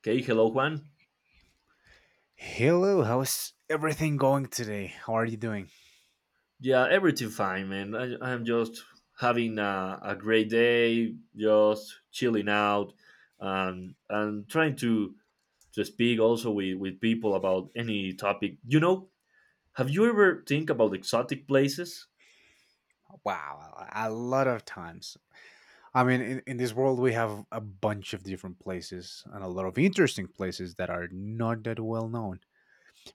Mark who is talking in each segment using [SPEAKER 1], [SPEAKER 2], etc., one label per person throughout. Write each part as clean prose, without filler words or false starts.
[SPEAKER 1] Okay, hello Juan.
[SPEAKER 2] Hello, how's everything going today? How are you doing?
[SPEAKER 1] Yeah, everything fine, man. I'm just having a great day, just chilling out, and trying to speak also with people about any topic. Have you ever think about exotic places?
[SPEAKER 2] Wow, a lot of times. I mean, in this world, we have a bunch of different places and a lot of interesting places that are not that well known.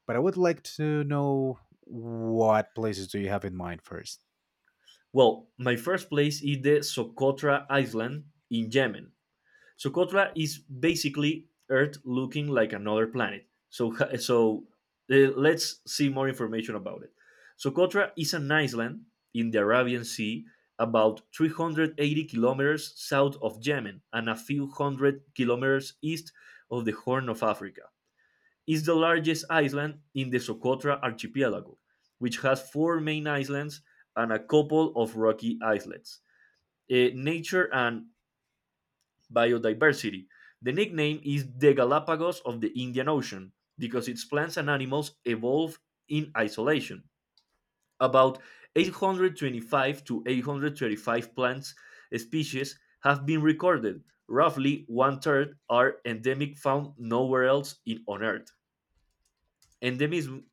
[SPEAKER 2] But I would like to know what places do you have in mind first?
[SPEAKER 1] Well, my first place is the Socotra Island in Yemen. Socotra is basically Earth looking like another planet. So let's see more information about it. Socotra is an island in the Arabian Sea about 380 kilometers south of Yemen and a few hundred kilometers east of the Horn of Africa. It's the largest island in the Socotra archipelago, which has four main islands and a couple of rocky islets. Nature and biodiversity. The nickname is the Galapagos of the Indian Ocean because its plants and animals evolve in isolation. About 825 to 835 plants species have been recorded. Roughly one third are endemic, found nowhere else on Earth. Endemism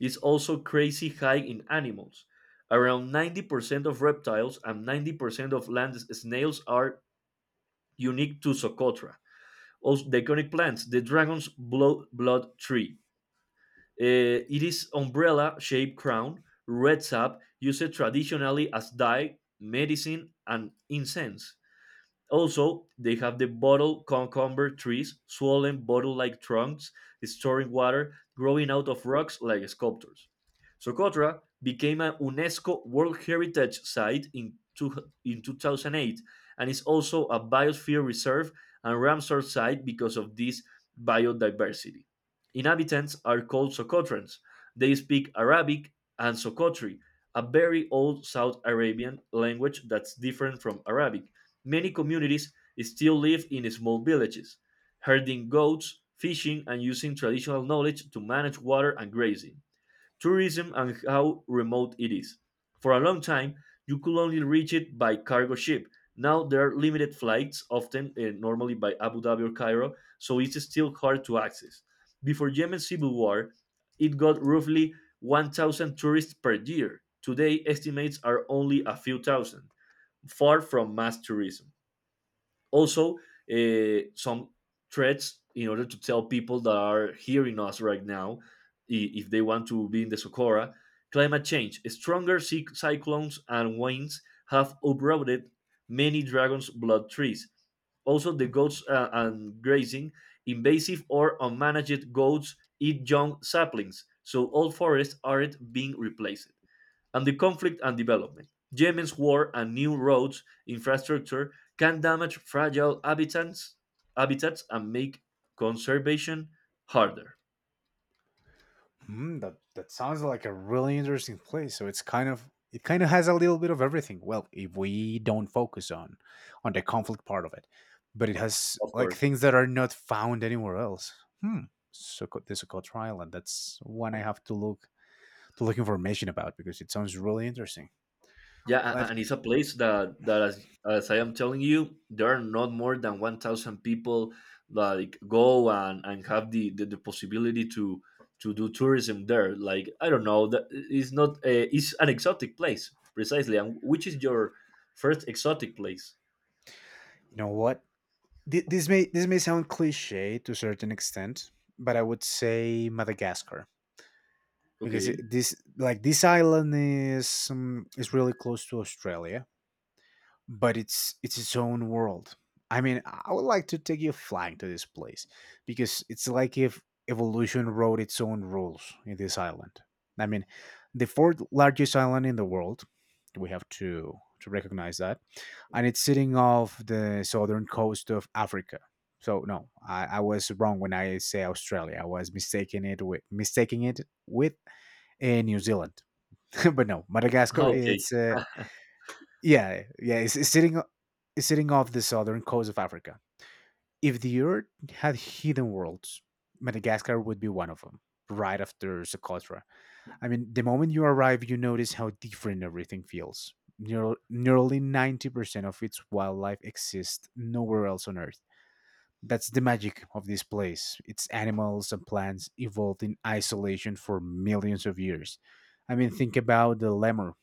[SPEAKER 1] is also crazy high in animals. Around 90% of reptiles and 90% of land snails are unique to Socotra. Also, the iconic plant, the dragon's blood tree. It is umbrella-shaped crown, red sap, used traditionally as dye, medicine, and incense. Also, they have the bottle cucumber trees, swollen bottle like trunks, storing water, growing out of rocks like sculptures. Socotra became a UNESCO World Heritage Site in 2008 and is also a biosphere reserve and Ramsar site because of this biodiversity. Inhabitants are called Socotrans. They speak Arabic and Socotri, a very old South Arabian language that's different from Arabic. Many communities still live in small villages, herding goats, fishing, and using traditional knowledge to manage water and grazing. Tourism and how remote it is. For a long time, you could only reach it by cargo ship. Now there are limited flights, often normally by Abu Dhabi or Cairo, so it's still hard to access. Before Yemen's civil war, it got roughly 1,000 tourists per year. Today, estimates are only a few thousand, far from mass tourism. Also, some threads in order to tell people that are hearing us right now if they want to be in the Socorro. Climate change, stronger cyclones and winds have uprooted many dragon's blood trees. Also, the goats, and grazing, invasive or unmanaged goats eat young saplings, so all forests aren't being replaced. And the conflict and development. Yemen's war and new roads infrastructure can damage fragile habitats and make conservation harder.
[SPEAKER 2] Mm, that sounds like a really interesting place. So it's kind of has a little bit of everything. Well, if we don't focus on the conflict part of it, but it has
[SPEAKER 1] Of
[SPEAKER 2] like
[SPEAKER 1] course.
[SPEAKER 2] things that are not found anywhere else. Hmm. So the Socotra Island. That's one I have to look information about because it sounds really interesting.
[SPEAKER 1] Yeah,
[SPEAKER 2] But
[SPEAKER 1] and it's a place that, as, I am telling you, there are not more than 1,000 people like go and have the possibility to do tourism there. Like I don't know, that it's not a, it's an exotic place precisely. And which is your first exotic place?
[SPEAKER 2] you know what? This may sound cliche to a certain extent, but I would say Madagascar because it,
[SPEAKER 1] Okay.
[SPEAKER 2] this like this island is really close to Australia, but it's its own world. I mean, I would like to take you flying to this place because it's like if evolution wrote its own rules in this island. I mean, the fourth largest island in the world. We have to recognize that, and it's sitting off the southern coast of Africa. So no, I was wrong when I say Australia. I was mistaking it with in New Zealand. But no, Madagascar.
[SPEAKER 1] Okay,
[SPEAKER 2] It's yeah, yeah. It's sitting off the southern coast of Africa. If the Earth had hidden worlds, Madagascar would be one of them. Right after Socotra. I mean, the moment you arrive, you notice how different everything feels. Nearly 90% of its wildlife exists nowhere else on Earth. That's the magic of this place. Its animals and plants evolved in isolation for millions of years. I mean, think about the lemur,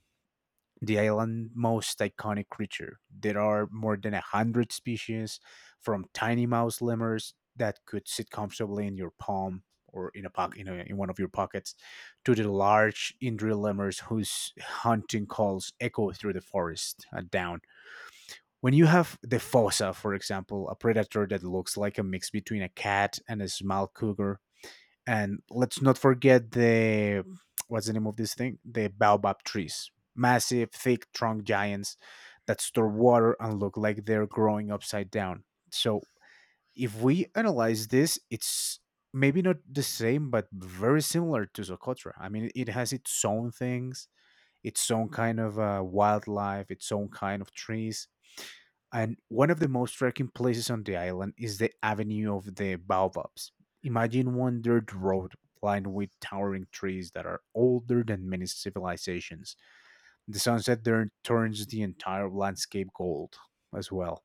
[SPEAKER 2] the island's most iconic creature. There are more than a hundred species, from tiny mouse lemurs that could sit comfortably in your palm or in a pocket, in one of your pockets, to the large indriel lemurs whose hunting calls echo through the forest and down. When you have the fossa, for example, a predator that looks like a mix between a cat and a small cougar, and let's not forget the what's the name of this thing, the baobab trees, massive thick trunk giants that store water and look like they're growing upside down. So if we analyze this, it's maybe not the same but very similar to Socotra. I mean, it has its own things, its own kind of wildlife, its own kind of trees, and one of the most striking places on the island is the Avenue of the Baobabs. Imagine one dirt road lined with towering trees that are older than many civilizations. The sunset there turns the entire landscape gold as well.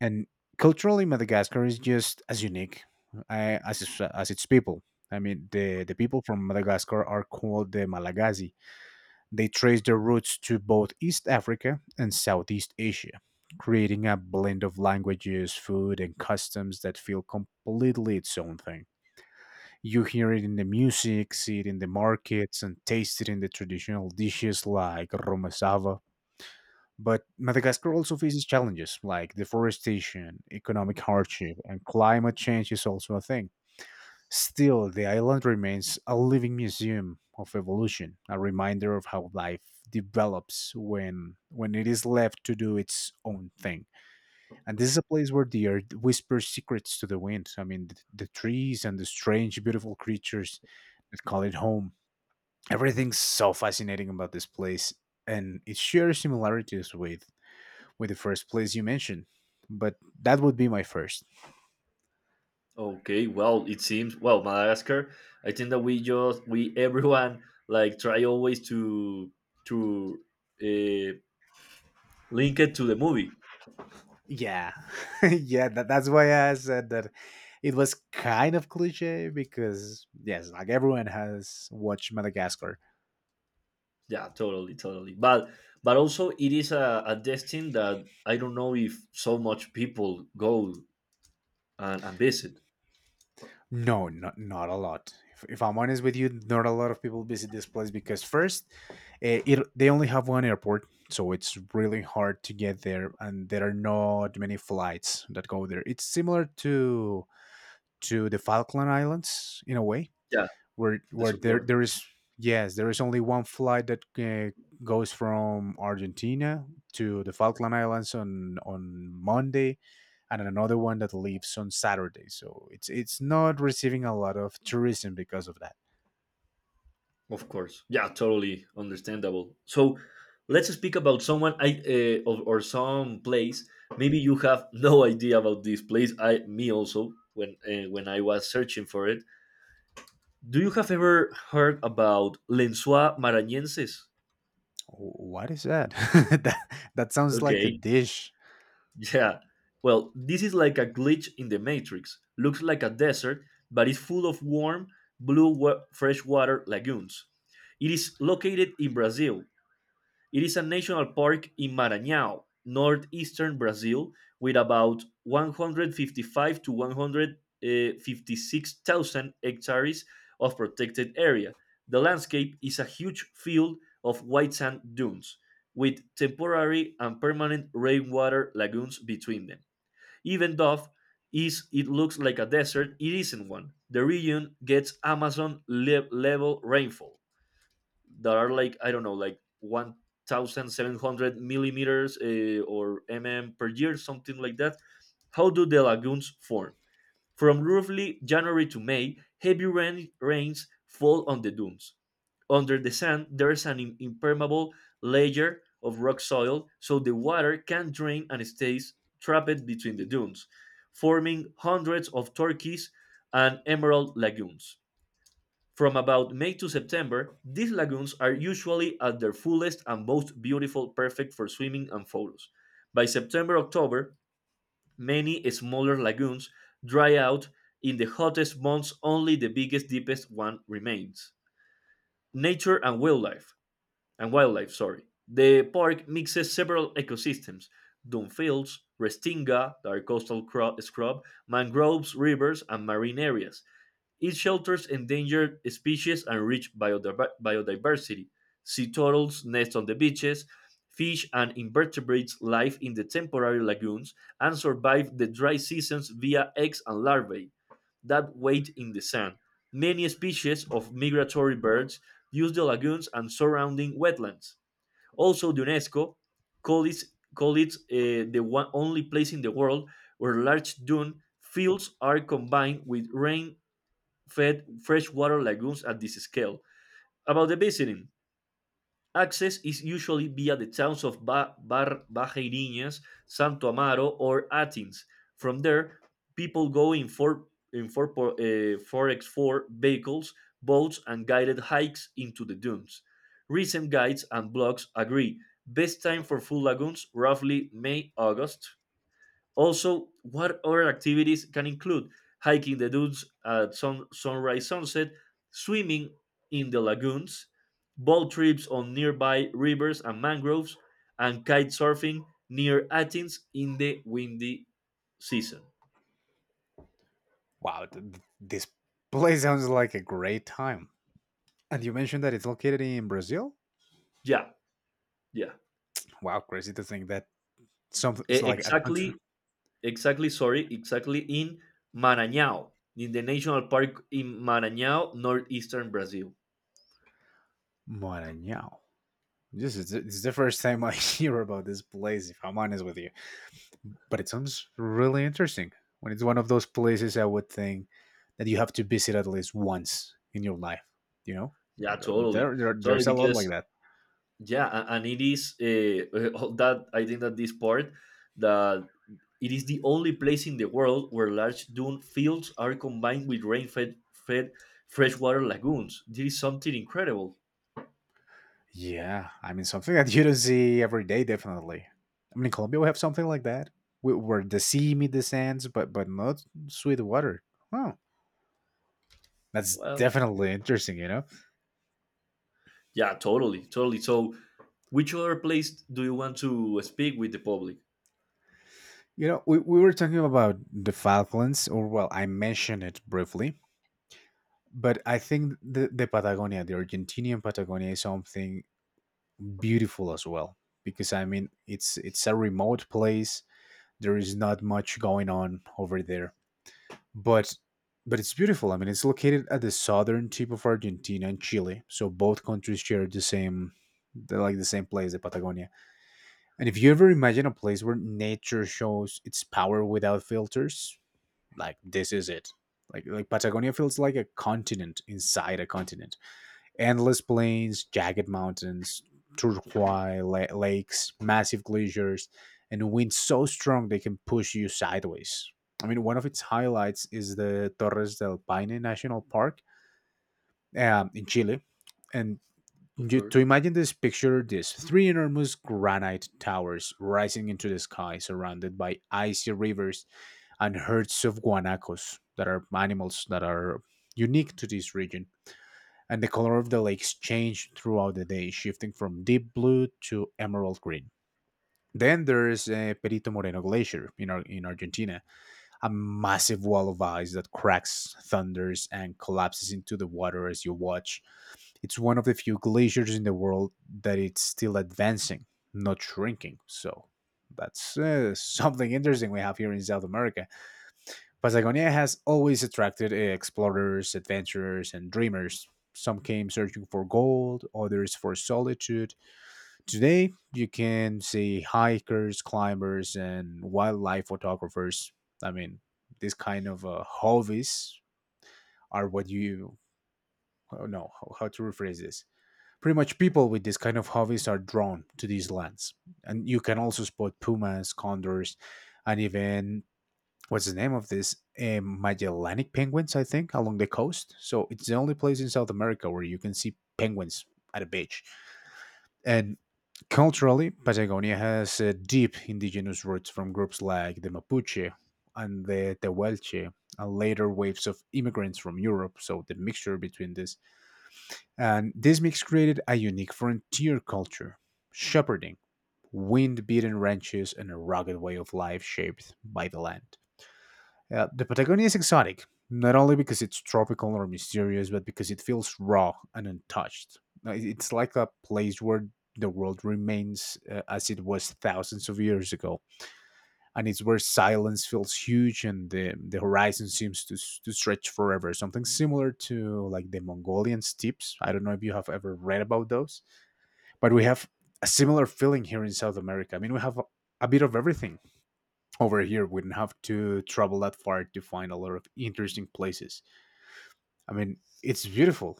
[SPEAKER 2] And culturally, Madagascar is just as unique uh, as, as its people. I mean, the people from Madagascar are called the Malagasy. They traced their roots to both East Africa and Southeast Asia, creating a blend of languages, food, and customs that feel completely its own thing. You hear it in the music, see it in the markets, and taste it in the traditional dishes like romazava. But Madagascar also faces challenges like deforestation, economic hardship, and climate change is also a thing. Still, the island remains a living museum of evolution, a reminder of how life develops when it is left to do its own thing. And this is a place where the earth whispers secrets to the wind. I mean, the trees and the strange, beautiful creatures that call it home. Everything's so fascinating about this place, and it shares similarities with the first place you mentioned. But that would be my first.
[SPEAKER 1] okay. Well, it seems, well, Madagascar. I think that we just we everyone like try always to uh, link it to the movie.
[SPEAKER 2] Yeah, yeah. That's why I said that it was kind of cliche because yes, like everyone has watched Madagascar.
[SPEAKER 1] Yeah, totally, totally. But also it is a destination that I don't know if so much people go and visit.
[SPEAKER 2] No, not a lot. If I'm honest with you, not a lot of people visit this place because first, eh, it, they only have one airport, so it's really hard to get there, and there are not many flights that go there. It's similar to the Falkland Islands in a way
[SPEAKER 1] Yeah,
[SPEAKER 2] where
[SPEAKER 1] the
[SPEAKER 2] where there
[SPEAKER 1] Socorro.
[SPEAKER 2] there is yes there is only one flight that goes from Argentina to the Falkland Islands on Monday and another one that leaves on Saturday, so it's not receiving a lot of tourism because of that.
[SPEAKER 1] Of course. Yeah, totally understandable. So let's speak about someone, I or some place. Maybe you have no idea about this place. I me also when I was searching for it. Do you have ever heard about Lensois Marañenses?
[SPEAKER 2] What is that? That, that sounds like a
[SPEAKER 1] Okay.
[SPEAKER 2] dish.
[SPEAKER 1] Yeah. Well, this is like a glitch in the matrix. Looks like a desert, but it's full of warm blue freshwater lagoons. It is located in Brazil. It is a national park in Maranhão, northeastern Brazil, with about 155 to 156,000 hectares of protected area. The landscape is a huge field of white sand dunes with temporary and permanent rainwater lagoons between them. Even though is it looks like a desert, it isn't one. The region gets Amazon level rainfall that are like I don't know, like 1,700 millimeters, or mm per year, something like that. How do the lagoons form? From roughly January to May, heavy rains fall on the dunes. Under the sand, there is an impermeable layer of rock soil, so the water can drain and stays trapped between the dunes, forming hundreds of turquoise and emerald lagoons. From about May to September, these lagoons are usually at their fullest and most beautiful, perfect for swimming and photos. By September October, many smaller lagoons dry out. In the hottest months, only the biggest, deepest one remains. Nature and wildlife, sorry. The park mixes several ecosystems: Dunfields, Restinga, the coastal scrub, mangroves, rivers, and marine areas. It shelters endangered species and rich biodiversity. Sea turtles nest on the beaches, fish and invertebrates live in the temporary lagoons, and survive the dry seasons via eggs and larvae that wait in the sand. Many species of migratory birds use the lagoons and surrounding wetlands. Also, the UNESCO call it, call it the one, only place in the world where large dune fields are combined with rain fed freshwater lagoons at this scale. About the visiting, access is usually via the towns of Bajeiriñas, Santo Amaro, or Atins. From there, people go in 4x4 vehicles, boats, and guided hikes into the dunes. Recent guides and blogs agree. Best time for full lagoons roughly May August. Also, what other activities can include hiking the dunes at sunrise, sunset, swimming in the lagoons, boat trips on nearby rivers and mangroves, and kite surfing near Athens in the windy season.
[SPEAKER 2] Wow, this place sounds like a great time, and you mentioned that it's located in Brazil.
[SPEAKER 1] Yeah, yeah.
[SPEAKER 2] Wow, crazy to think that something's like a country.
[SPEAKER 1] Exactly, exactly, sorry, exactly in Maranhão, in the national park in Maranhão, northeastern Brazil.
[SPEAKER 2] Maranhão. This is the first time I hear about this place, if I'm honest with you. But it sounds really interesting. When it's one of those places, I would think that you have to visit at least once in your life. You know,
[SPEAKER 1] Yeah, totally.
[SPEAKER 2] there, there
[SPEAKER 1] Totally,
[SPEAKER 2] there's a lot like
[SPEAKER 1] because
[SPEAKER 2] that.
[SPEAKER 1] yeah, and it is, that I think that this part, that it is the only place in the world where large dune fields are combined with rain-fed fed freshwater lagoons. This is something incredible.
[SPEAKER 2] Yeah, I mean something that you don't see every day, definitely. I mean, in Colombia we have something like that, where the sea meets the sands, but not sweet water. Huh. That's
[SPEAKER 1] Well,
[SPEAKER 2] definitely interesting, you know.
[SPEAKER 1] yeah, totally, totally. So which other place do you want to speak with the public?
[SPEAKER 2] You know, we were talking about the Falklands, or well, I mentioned it briefly. But I think the Patagonia, the Argentinian Patagonia, is something beautiful as well. Because I mean, it's a remote place. There is not much going on over there, but but it's beautiful. I mean, it's located at the southern tip of Argentina and Chile, so both countries share the same, the, like the same place, the Patagonia. And if you ever imagine a place where nature shows its power without filters, like this is it. Like Patagonia feels like a continent inside a continent, endless plains, jagged mountains, lakes, massive glaciers, and winds so strong they can push you sideways. I mean, one of its highlights is the Torres del Paine National Park in Chile. And
[SPEAKER 1] Of
[SPEAKER 2] you, to
[SPEAKER 1] course.
[SPEAKER 2] imagine this, picture this: three enormous granite towers rising into the sky, surrounded by icy rivers and herds of guanacos that are animals that are unique to this region, and the color of the lakes change throughout the day, shifting from deep blue to emerald green. Then there's Perito Moreno Glacier in Argentina, a massive wall of ice that cracks, thunders, and collapses into the water as you watch. It's one of the few glaciers in the world that it's still advancing, not shrinking. So that's something interesting we have here in South America. Patagonia has always attracted explorers, adventurers, and dreamers. Some came searching for gold, others for solitude. Today, you can see hikers, climbers, and wildlife photographers. I mean, this kind of hobbies are what you oh, no, how to rephrase this. Pretty much, people with this kind of hobbies are drawn to these lands, and you can also spot pumas, condors, and even what's the name of this Magellanic penguins, I think, along the coast. So it's the only place in South America where you can see penguins at a beach. And culturally, Patagonia has deep indigenous roots from groups like the Mapuche and the Tehuelche, and later waves of immigrants from Europe. So the mixture between this and this mix created a unique frontier culture, shepherding, wind-beaten ranches, and a rugged way of life shaped by the land. The Patagonia is exotic, not only because it's tropical or mysterious, but because it feels raw and untouched. It's like a place where the world remains as it was thousands of years ago, and it's where silence feels huge and the horizon seems to stretch forever. Something similar to like the Mongolian steppes. I don't know if you have ever read about those, but we have a similar feeling here in South America. I mean, we have a bit of everything over here. We do not have to travel that far to find a lot of interesting places. I mean, it's beautiful.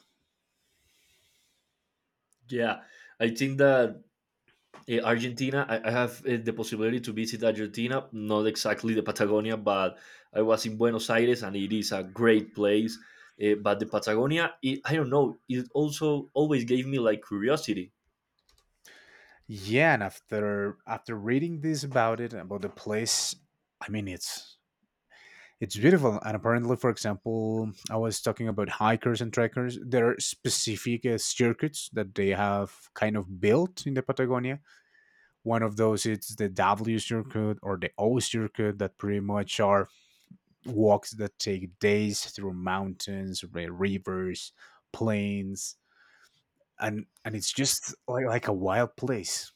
[SPEAKER 1] Yeah, I think that, Argentina, I have, the possibility to visit Argentina, not exactly the Patagonia, but I was in Buenos Aires and it is a great place. But the Patagonia, it, I don't know, it also always gave me like curiosity.
[SPEAKER 2] Yeah, and after reading this about it, about the place, I mean it's beautiful, and apparently, for example, I was talking about hikers and trekkers, there are specific circuits that they have kind of built in the Patagonia. One of those is the W circuit or the O circuit, that pretty much are walks that take days through mountains, rivers, plains, and it's just like a wild place.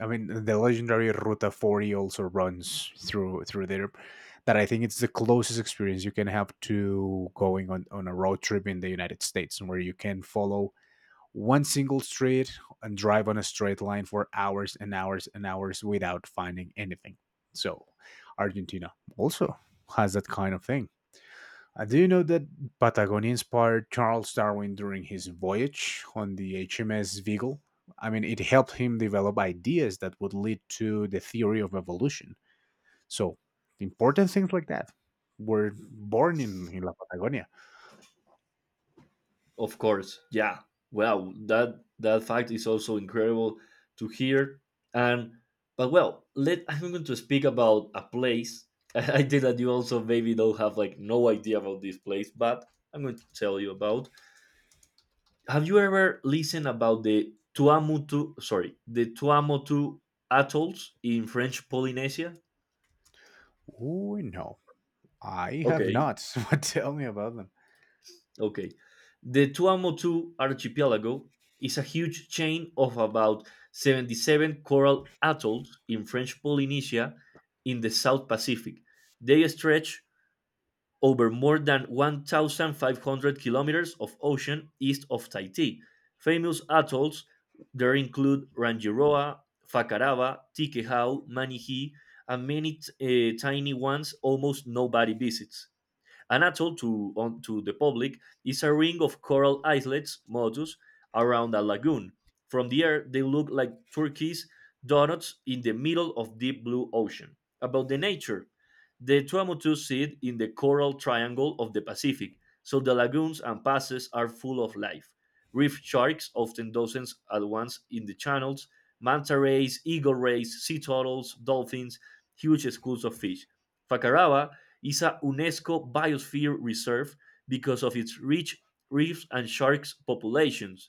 [SPEAKER 2] I mean, the legendary Ruta 40 also runs through there. That I think it's the closest experience you can have to going on a road trip in the United States, where you can follow one single street and drive on a straight line for hours and hours and hours without finding anything. So, Argentina also has that kind of thing. Do you know that Patagonia inspired Charles Darwin during his voyage on the HMS Beagle? I mean, it helped him develop ideas that would lead to the theory of evolution. So, important things like that were born in La Patagonia.
[SPEAKER 1] Of course, yeah. Well, that fact is also incredible to hear. And but well, let I'm going to speak about a place. I think that you also maybe don't have like no idea about this place, but I'm going to tell you about. Have you ever listened about the Tuamotu? Sorry, the Tuamotu atolls in French Polynesia?
[SPEAKER 2] Oh, no. I have
[SPEAKER 1] Okay.
[SPEAKER 2] not. But tell me about them.
[SPEAKER 1] Okay. The Tuamotu archipelago is a huge chain of about 77 coral atolls in French Polynesia in the South Pacific. They stretch over more than 1,500 kilometers of ocean east of Tahiti. Famous atolls there include Rangiroa, Fakarava, Tikehau, Manihee, and many tiny ones almost nobody visits. An atoll, to the public, is a ring of coral islets, motus, around a lagoon. From the air, they look like turquoise donuts in the middle of deep blue ocean. About the nature, the Tuamotus sit in the coral triangle of the Pacific, so the lagoons and passes are full of life. Reef sharks, often dozens at once in the channels, manta rays, eagle rays, sea turtles, dolphins, huge schools of fish. Fakarava is a UNESCO Biosphere Reserve because of its rich reefs and sharks populations.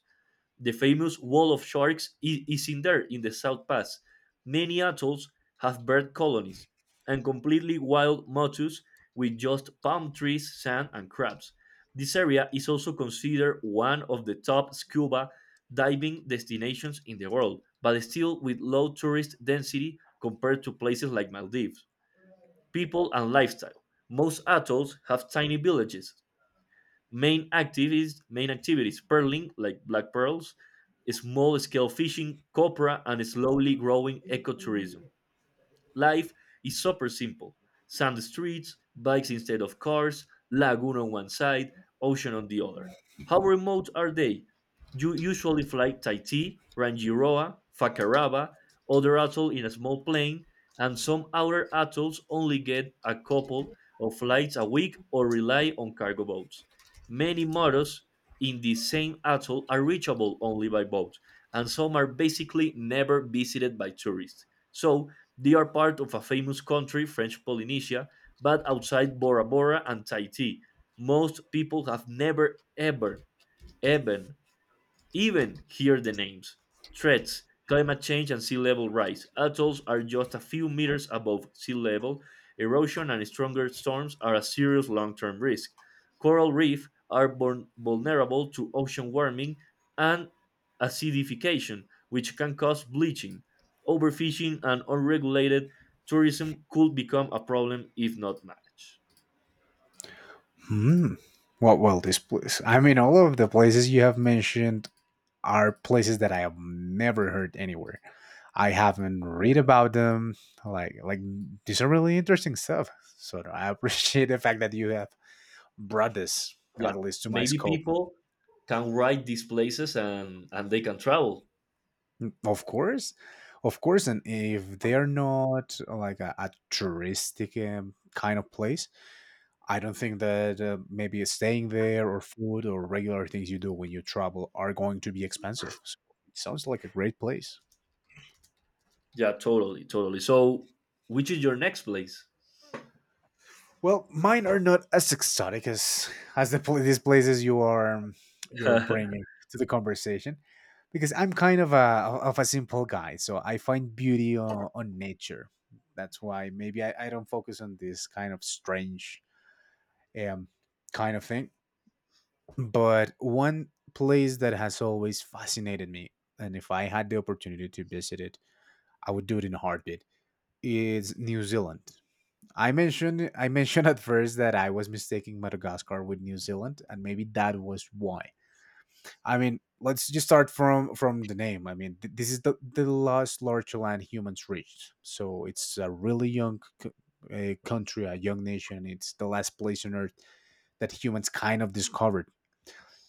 [SPEAKER 1] The famous Wall of Sharks is in there, in the South Pass. Many atolls have bird colonies and completely wild motus with just palm trees, sand, and crabs. This area is also considered one of the top scuba diving destinations in the world, but still with low tourist density compared to places like Maldives. People and lifestyle. Most atolls have tiny villages. Main activities: pearling like black pearls, small scale fishing, copra, and slowly growing ecotourism. Life is super simple: sand streets, bikes instead of cars, lagoon on one side, ocean on the other. How remote are they? You usually fly Tahiti, Rangiroa, Fakarava, other atoll in a small plane, and some outer atolls only get a couple of flights a week or rely on cargo boats. Many models in the same atoll are reachable only by boat, and some are basically never visited by tourists. So they are part of a famous country, French Polynesia, but outside Bora Bora and Tahiti, most people have never ever even even hear the names. Threats, climate change, and sea level rise. Atolls are just a few meters above sea level. Erosion and stronger storms are a serious long term risk. Coral reefs are vulnerable to ocean warming and acidification, which can cause bleaching. Overfishing and unregulated tourism could become a problem if not managed.
[SPEAKER 2] Hmm. Well, this place. I mean, all of the places you have mentioned are places that I have never heard anywhere. I haven't read about them. Like these are really interesting stuff. So I appreciate the fact that you have brought this
[SPEAKER 1] Yeah,
[SPEAKER 2] at least to my
[SPEAKER 1] maybe
[SPEAKER 2] scope.
[SPEAKER 1] people can ride these places and they can travel.
[SPEAKER 2] Of course, of course, and if they are not like a touristic kind of place, I don't think that maybe staying there or food or regular things you do when you travel are going to be expensive. So it sounds like a great place.
[SPEAKER 1] Yeah, totally, totally. So, which is your next place?
[SPEAKER 2] Well, mine are not as exotic as the these places you are you're bringing to the conversation, because I'm kind of a simple guy, so I find beauty on nature. That's why maybe I don't focus on this kind of strange um kind of thing. But one place that has always fascinated me, and if I had the opportunity to visit it, I would do it in a heartbeat, is New Zealand. I mentioned at first that I was mistaking Madagascar with New Zealand, and maybe that was why. I mean, let's just start from the name. I mean, this is the last large land humans reached, so it's a really young country, a young nation. It's the last place on Earth that humans kind of discovered.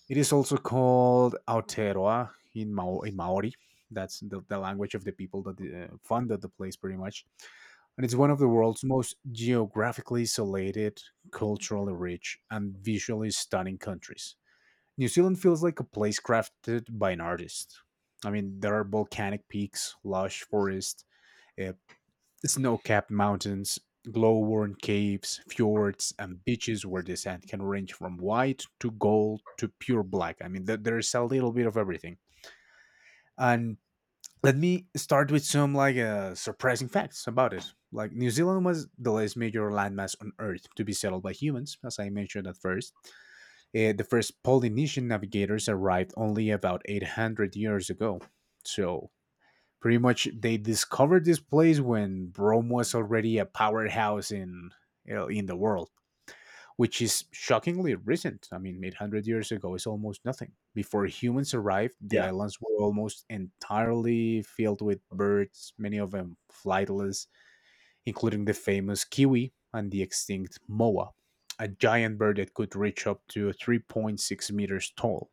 [SPEAKER 2] It is also called Aotearoa in Maori. That's the language of the people that funded the place, pretty much. And it's one of the world's most geographically isolated, culturally rich, and visually stunning countries. New Zealand feels like a place crafted by an artist. I mean, there are volcanic peaks, lush forests, uh, snow capped mountains, glow worn caves, fjords, and beaches where the sand can range from white to gold to pure black. I mean, there's a little bit of everything. And let me start with some like surprising facts about it. Like New Zealand was the last major landmass on Earth to be settled by humans, as I mentioned at first. The first Polynesian navigators arrived only about 800 years ago. So pretty much they discovered this place when Rome was already a powerhouse in you know, in the world, which is shockingly recent. I mean, 800 years ago is almost nothing. Before humans arrived, the
[SPEAKER 1] Yeah.
[SPEAKER 2] islands were almost entirely filled with birds, many of them flightless, including the famous kiwi and the extinct moa, a giant bird that could reach up to 3.6 meters tall.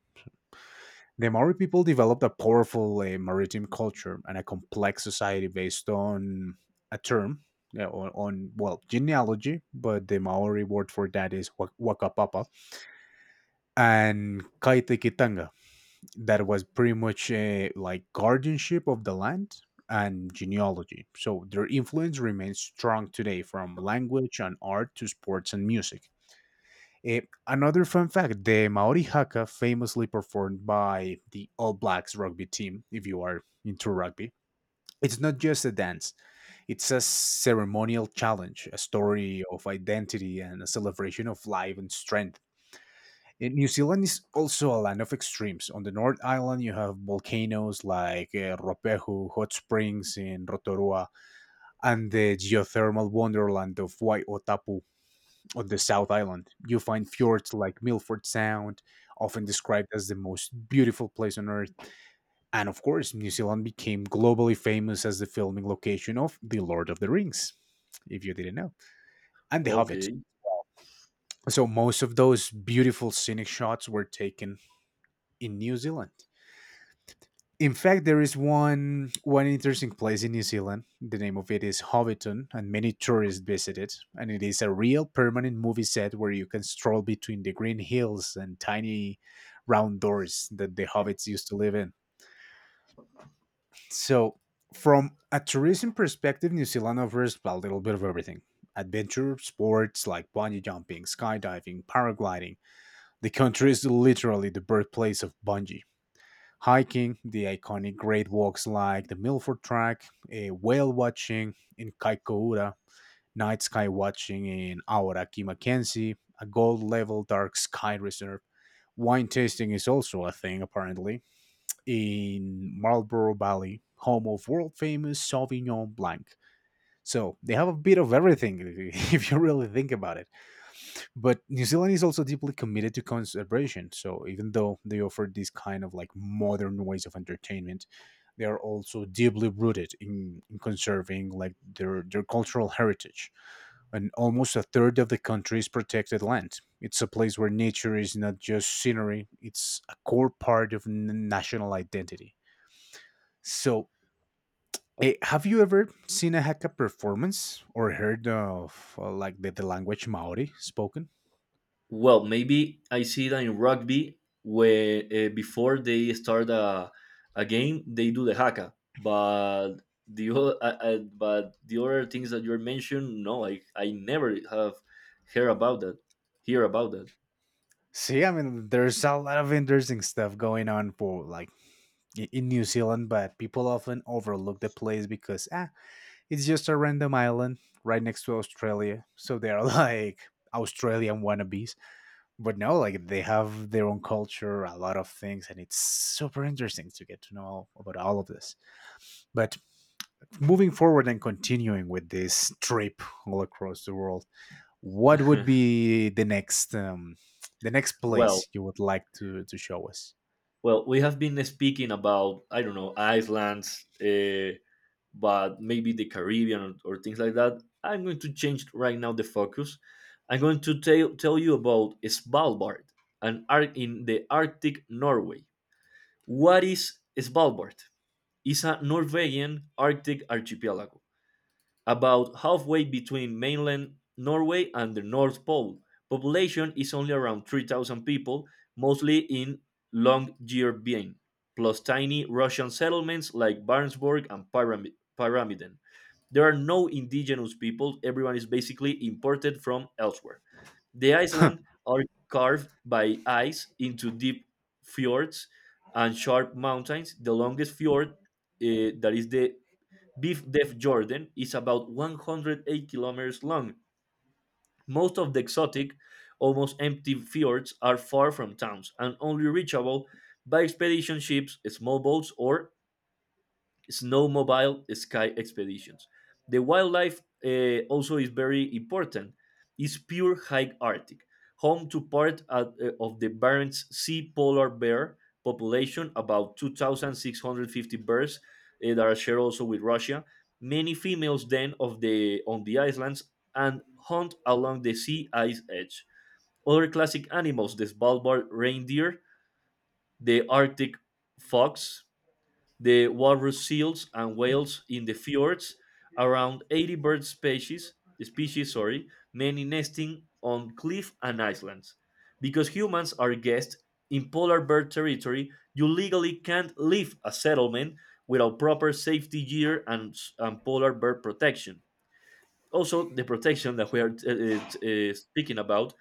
[SPEAKER 2] The Maori people developed a powerful maritime culture and a complex society based on a term, yeah, well, genealogy, but the Maori word for that is Wakapapa, and Kaitikitanga, that was pretty much like guardianship of the land and genealogy. So their influence remains strong today from language and art to sports and music. Eh, another fun fact the Maori haka, famously performed by the All Blacks rugby team, if you are into rugby, it's not just a dance, it's a ceremonial challenge, a story of identity, and a celebration of life and strength. And New Zealand is also a land of extremes. On the North Island, you have volcanoes like Ropehu, hot springs in Rotorua, and the geothermal wonderland of Waiotapu on the South Island. You find fjords like Milford Sound, often described as the most beautiful place on earth. And of course, New Zealand became globally famous as the filming location of The Lord of the Rings, if you didn't know, and The Hobbit.
[SPEAKER 1] Okay.
[SPEAKER 2] So most of those beautiful scenic shots were taken in New Zealand. In fact, there is one interesting place in New Zealand. The name of it is Hobbiton, and many tourists visit it. And it is a real permanent movie set where you can stroll between the green hills and tiny round doors that the hobbits used to live in. So, from a tourism perspective, New Zealand offers well, a little bit of everything: adventure sports like bungee jumping, skydiving, paragliding. The country is literally the birthplace of bungee. Hiking, the iconic great walks like the Milford Track, eh, whale watching in Kaikoura, night sky watching in Awaraki Mackenzie, a gold level dark sky reserve. Wine tasting is also a thing, apparently, in Marlborough Valley, home of world famous Sauvignon Blanc. So they have a bit of everything if you really think about it. But New Zealand is also deeply committed to conservation. So even though they offer these kind of like modern ways of entertainment, they are also deeply rooted in conserving like their cultural heritage. And almost a third of the country is protected land. It's a place where nature is not just scenery; it's a core part of national identity. So. Eh, have you ever seen a Hakka performance or heard of like the language Maori spoken?
[SPEAKER 1] Well, maybe I see that in rugby, where before they start a game, they do the haka. But the o- I- but the other things that you mentioned, no, I never have heard about that. Hear about that.
[SPEAKER 2] See, I mean, there's a lot of interesting stuff going on for like in New Zealand, but people often overlook the place because ah, it's just a random island right next to Australia. So they're like Australian wannabes. But no, like they have their own culture, a lot of things, and it's super interesting to get to know about all of this. But moving forward and continuing with this trip all across the world, what would be the next
[SPEAKER 1] well,
[SPEAKER 2] place you would like to show us?
[SPEAKER 1] well, we have been speaking about I don't know islands. But maybe the Caribbean or things like that. I'm going to change right now the focus. I'm going to tell you about Svalbard and in the Arctic Norway. What is Svalbard? It's a Norwegian Arctic archipelago, about halfway between mainland Norway and the North Pole. Population is only around 3,000 people, mostly in Longyearbyen, plus tiny Russian settlements like Barentsburg and Pyramiden. There are no indigenous people, everyone is basically imported from elsewhere. The island are carved by ice into deep fjords and sharp mountains. The longest fjord, that is the Beef Def Jordan, is about 108 kilometers long. Most of the exotic, almost empty fjords are far from towns and only reachable by expedition ships, small boats, or snowmobile sky expeditions. The wildlife also is very important. It's pure high Arctic, home to part of the Barents Sea polar bear population, about 2,650 bears that are shared also with Russia. Many females then of the on the islands and hunt along the sea ice edge. Other classic animals: the Svalbard reindeer, the Arctic fox, the walrus seals and whales in the fjords, around 80 bird species, species sorry, many nesting on cliff and islands. Because humans are guests in polar bear territory, you legally can't leave a settlement without proper safety gear and polar bear protection. Also, the protection that we are speaking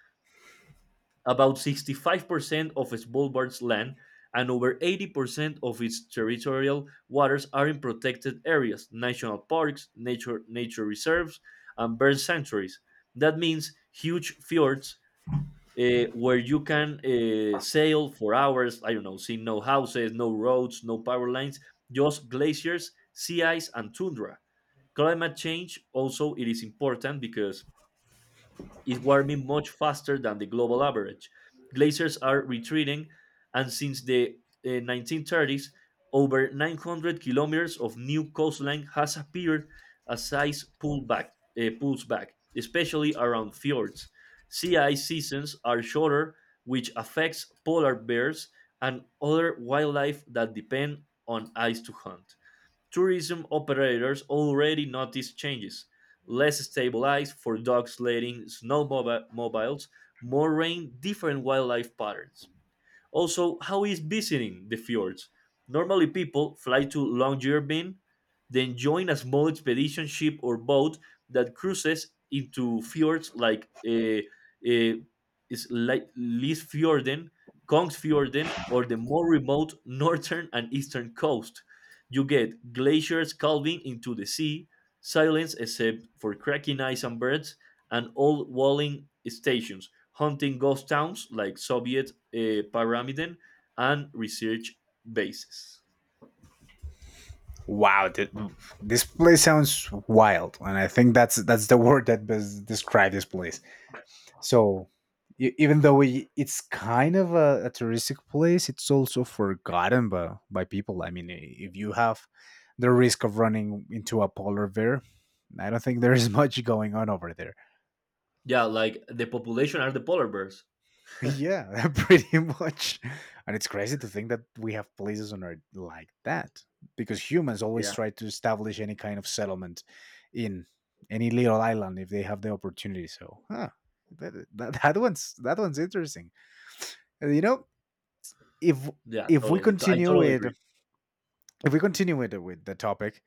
[SPEAKER 1] about 65% of its Svalbard's land and over 80% of its territorial waters are in protected areas, national parks, nature reserves, and bird sanctuaries. That means huge fjords where you can sail for hours. I don't know, see no houses, no roads, no power lines, just glaciers, sea ice, and tundra. Climate change also it is important because is warming much faster than the global average. Glaciers are retreating, and since the 1930s, over 900 kilometers of new coastline has appeared as pulls back, especially around fjords. Sea ice seasons are shorter, which affects polar bears and other wildlife that depend on ice to hunt tourism operators already notice changes less stable ice for dog sledding snowmobiles more rain different wildlife patterns also, how is visiting the fjords? Normally, people fly to Longyearbyen, then join a small expedition ship or boat that cruises into fjords like uh, is like Lisfjorden, Kongsfjorden, or the more remote northern and eastern coast. You get glaciers calving into the sea, silence except for cracking ice and birds, and old walling stations hunting ghost towns like Soviet Pyramiden and research bases.
[SPEAKER 2] Wow, this place sounds wild, and I think that's the word that best describes this place. So, even though we, it's kind of a touristic place, it's also forgotten by people. I mean, if you have the risk of running into a polar bear, I don't think there is much going on over there.
[SPEAKER 1] Yeah, like the population are the polar bears.
[SPEAKER 2] Yeah, pretty much. And it's crazy to think that we have places on Earth like that because humans always
[SPEAKER 1] Yeah,
[SPEAKER 2] try to establish any kind of settlement in any little island if they have the opportunity. So, huh, that one's interesting. And, you know, if
[SPEAKER 1] yeah,
[SPEAKER 2] if we
[SPEAKER 1] totally. So I
[SPEAKER 2] continue
[SPEAKER 1] totally agree.
[SPEAKER 2] with if we continue with the topic,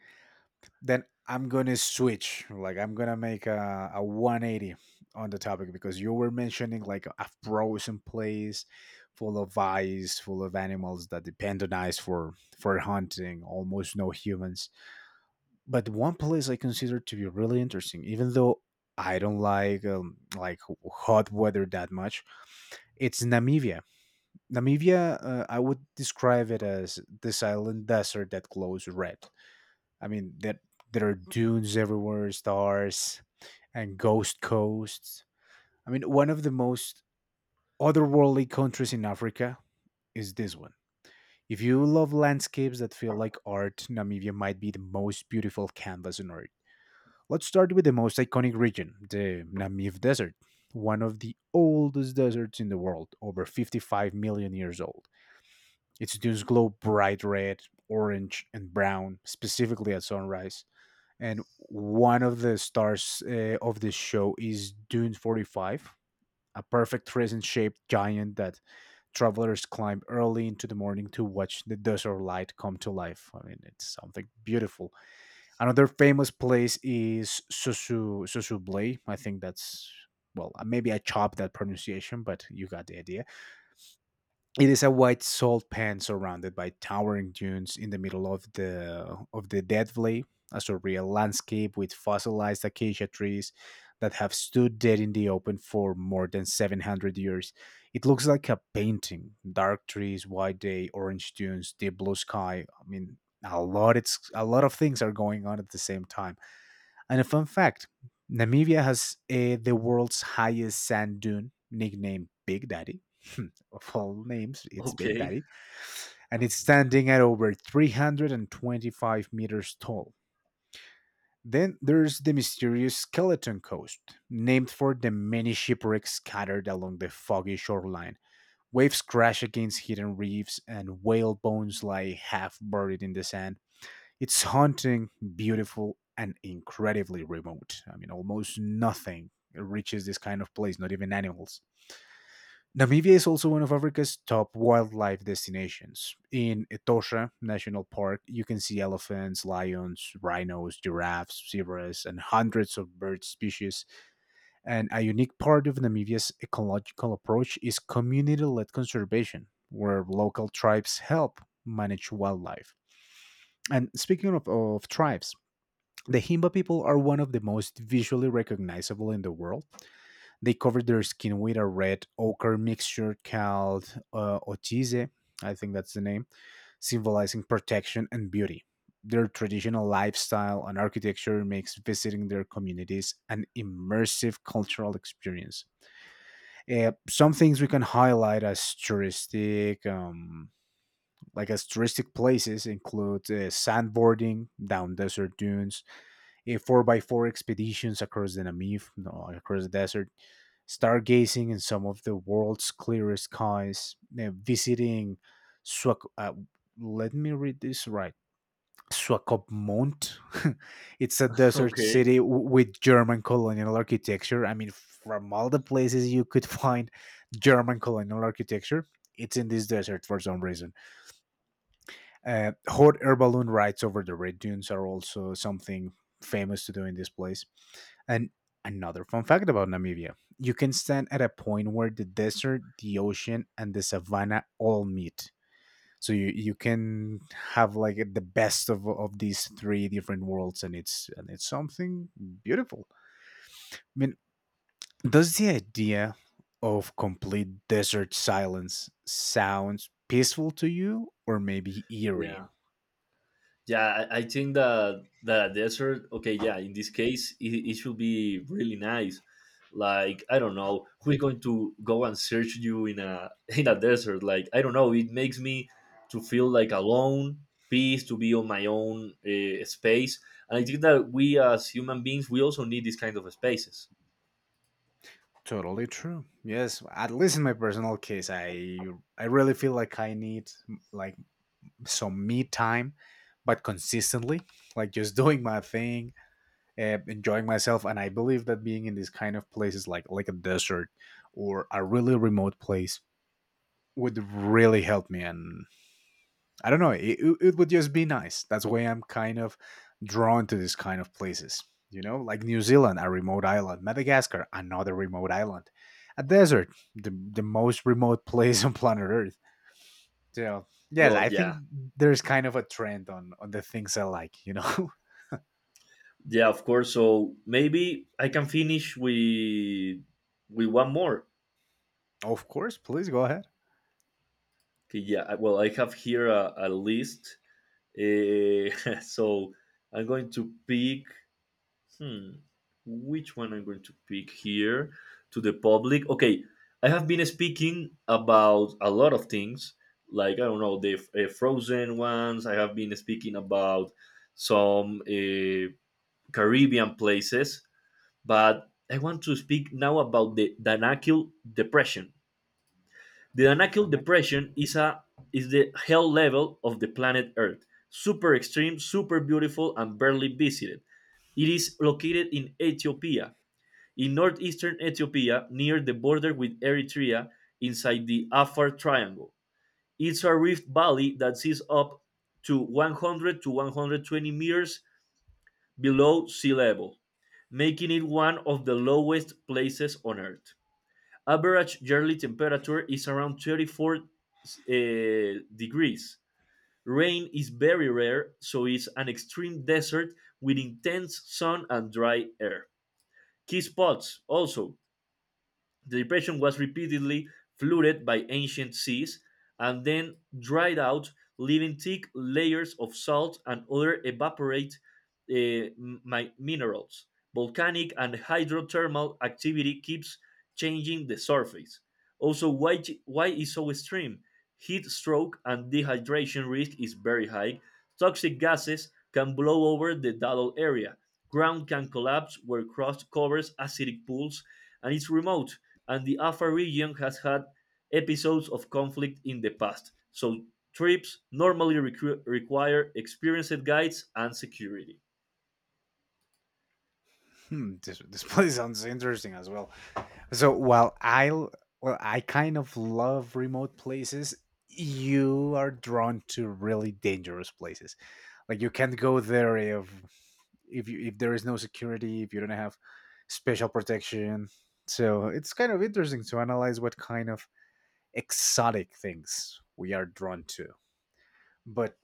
[SPEAKER 2] then I'm gonna switch. Like I'm gonna make a 180 on the topic because you were mentioning like a frozen place full of ice, full of animals that depend on ice for hunting, almost no humans. But one place I consider to be really interesting, even though I don't like hot weather that much. It's Namibia. Namibia, I would describe it as the silent desert that glows red. I mean that there are dunes everywhere, stars, and ghost coasts. I mean, one of the most otherworldly countries in Africa is this one. If you love landscapes that feel like art, Namibia might be the most beautiful canvas on earth. Let's start with the most iconic region, the Namib Desert, one of the oldest deserts in the world, over 55 million years old. Its dunes glow bright red, orange, and brown, specifically at sunrise and one of the stars of the show is Dune 45, a perfect crescent shaped giant that travelers climb early into the morning to watch the desert light come to life. I mean, it's something beautiful. Another famous place is Susublay. I think that's well, maybe I chopped that pronunciation, but you got the idea. It is a white salt pan surrounded by towering dunes in the middle of the dead valley, a surreal landscape with fossilized acacia trees that have stood dead in the open for more than 700 years. It looks like a painting. Dark trees, white day, orange dunes, deep blue sky. I mean, a lot of things are going on at the same time. And a fun fact Namibia has the world's highest sand dune, nicknamed Big Daddy. of all names, it's Big
[SPEAKER 1] Okay,
[SPEAKER 2] Daddy. And it's standing at over 325 meters tall. Then there's the mysterious Skeleton Coast, named for the many shipwrecks scattered along the foggy shoreline. Waves crash against hidden reefs, and whale bones lie half buried in the sand it's haunting, beautiful, and incredibly remote. I mean, almost nothing reaches this kind of place, not even animals. Namibia is also one of Africa's top wildlife destinations. In Etosha National Park, you can see elephants, lions, rhinos, giraffes, zebras, and hundreds of bird species. And a unique part of Namibia's ecological approach is community led conservation, where local tribes help manage wildlife. And speaking of tribes, the Himba people are one of the most visually recognizable in the world. They cover their skin with a red ochre mixture called ochize, I think that's the name, symbolizing protection and beauty. Their traditional lifestyle and architecture makes visiting their communities an immersive cultural experience. Some things we can highlight as touristic, like as touristic places, include sandboarding down desert dunes, 4 by 4 expeditions across the Namib, no, across the desert, stargazing in some of the world's clearest skies, visiting Swak- uh, let me read this right. Swakopmund. It's a desert
[SPEAKER 1] okay,
[SPEAKER 2] city with German colonial architecture. I mean, from all the places you could find German colonial architecture, it's in this desert for some reason. Hot air balloon rides over the red dunes are also something famous to do in this place. And another fun fact about Namibia, you can stand at a point where the desert, the ocean, and the savanna all meet. So you can have like the best of these three different worlds, and it's something beautiful. I mean, does the idea of complete desert silence sounds peaceful to you, or maybe eerie?
[SPEAKER 1] yeah. Yeah, I think that the desert. Okay, yeah. In this case, it should be really nice. Like I don't know who's going to go and search you in a in a desert. Like I don't know. It makes me to feel like alone, peace, to be on my own space. And I think that we as human beings, we also need these kind of spaces.
[SPEAKER 2] Totally true. Yes, at least in my personal case, I really feel like I need like some me time, but consistently, like just doing my thing, enjoying myself. And I believe that being in these kind of places, like a desert or a really remote place, would really help me. And I don't know, it would just be nice. That's why I'm kind of drawn to these kind of places. You know, like New Zealand, a remote island, Madagascar, another remote island, a desert, the most remote place on planet Earth, so yes,
[SPEAKER 1] Oh
[SPEAKER 2] I think
[SPEAKER 1] yeah,
[SPEAKER 2] there's kind of a trend on the things I like. You know,
[SPEAKER 1] yeah. Of course. So maybe I can finish with one more.
[SPEAKER 2] of course. Please go ahead.
[SPEAKER 1] Okay, yeah. I- Well, I have here a list Eh, so I'm going to pick. Hmm, which one I'm going to pick here to the public? Okay, I have been speaking about a lot of things, like I don't know the frozen ones. I have been speaking about some Caribbean places, but I want to speak now about the Danakil Depression. The Danakil
[SPEAKER 2] Finite.
[SPEAKER 1] Depression is a is the hell level of the planet Earth. Super extreme, super beautiful, and barely visited. It is located in Ethiopia, in northeastern Ethiopia, near the border with Eritrea, inside the Afar Triangle. It's a rift valley that sits up to 100 to 120 meters below sea level, making it one of the lowest places on Earth. Average yearly temperature is around 34 degrees. Rain is very rare, so it's an extreme desert with intense sun and dry air. Key spots also the depression was repeatedly flooded by ancient seas and then dried out, leaving thick layers of salt and other evaporate minerals. Volcanic and hydrothermal activity keeps changing the surface. Also, why is so extreme? Heat stroke and dehydration risk is very high. Toxic gases can blow over the dull area. Ground can collapse where crust covers acidic pools and it's remote and the Afar region has had episodes of conflict in the past, so trips normally require experienced guides and security.
[SPEAKER 2] Hmm, this place sounds interesting as well. So well, I kind of love remote places, you are drawn to really dangerous places. Like you can't go there if there is no security, if you don't have special protection. So it's kind of interesting to analyze what kind of exotic things we are drawn to, but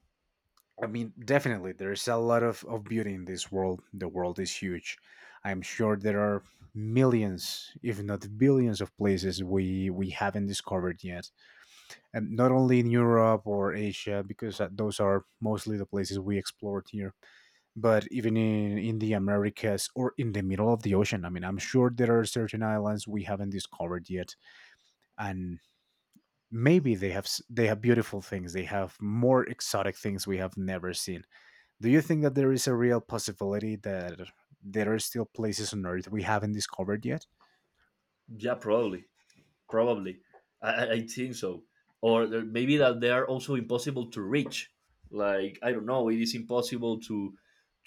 [SPEAKER 2] I mean, definitely, there's a lot of beauty in this world. The world is huge. I'm sure there are millions, if not billions, of places we haven't discovered yet. And not only in Europe or Asia, because those are mostly the places we explored here, but even in the Americas or in the middle of the ocean. I mean, I'm sure there are certain islands we haven't discovered yet. And maybe they have beautiful things, they have more exotic things we have never seen. Do you think that there is a real possibility that there are still places on Earth we haven't discovered yet?
[SPEAKER 1] Yeah, probably, probably. I think so. Or there- maybe that they are also impossible to reach. Like I don't know, it is impossible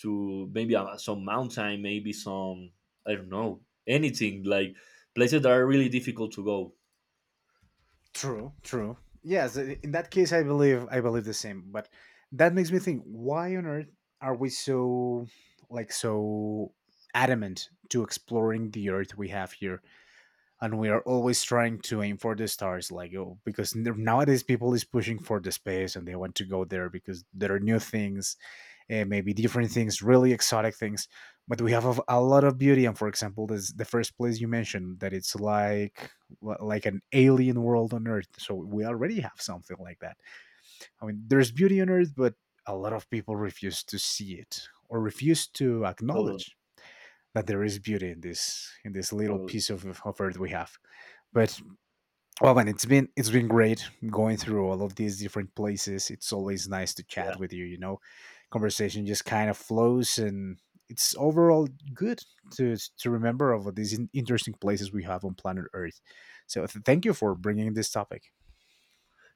[SPEAKER 1] to maybe some mountain, maybe some I don't know anything like places that are really difficult to go.
[SPEAKER 2] True, true. Yes, in that case, I believe the same. But that makes me think: Why on earth are we so so adamant to exploring the Earth we have here, and we are always trying to aim for the stars? Like, oh, because nowadays people is pushing for the space and they want to go there because there are new things, maybe different things, really exotic things. But we have a lot of beauty. And for example, this the first place you mentioned, that it's like an alien world on Earth. So we already have something like that. I mean, there's beauty on Earth, but a lot of people refuse to see it or refuse to
[SPEAKER 1] Totally,
[SPEAKER 2] acknowledge that there is beauty in this little
[SPEAKER 1] totally.
[SPEAKER 2] piece of earth we have, but well, man, it's been great going through all of these different places. It's always nice to chat with you. You know, conversation just kind of flows, and it's overall good to remember of these interesting places we have on planet Earth. So, thank you for bringing this topic.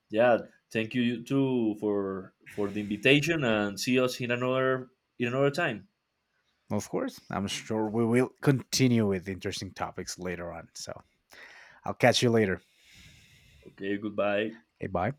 [SPEAKER 1] Yeah, thank you too for the invitation, and see us in another time.
[SPEAKER 2] Of course, I'm sure we will continue with interesting topics later on. So, I'll catch you later.
[SPEAKER 1] Okay, goodbye.
[SPEAKER 2] Okay, bye.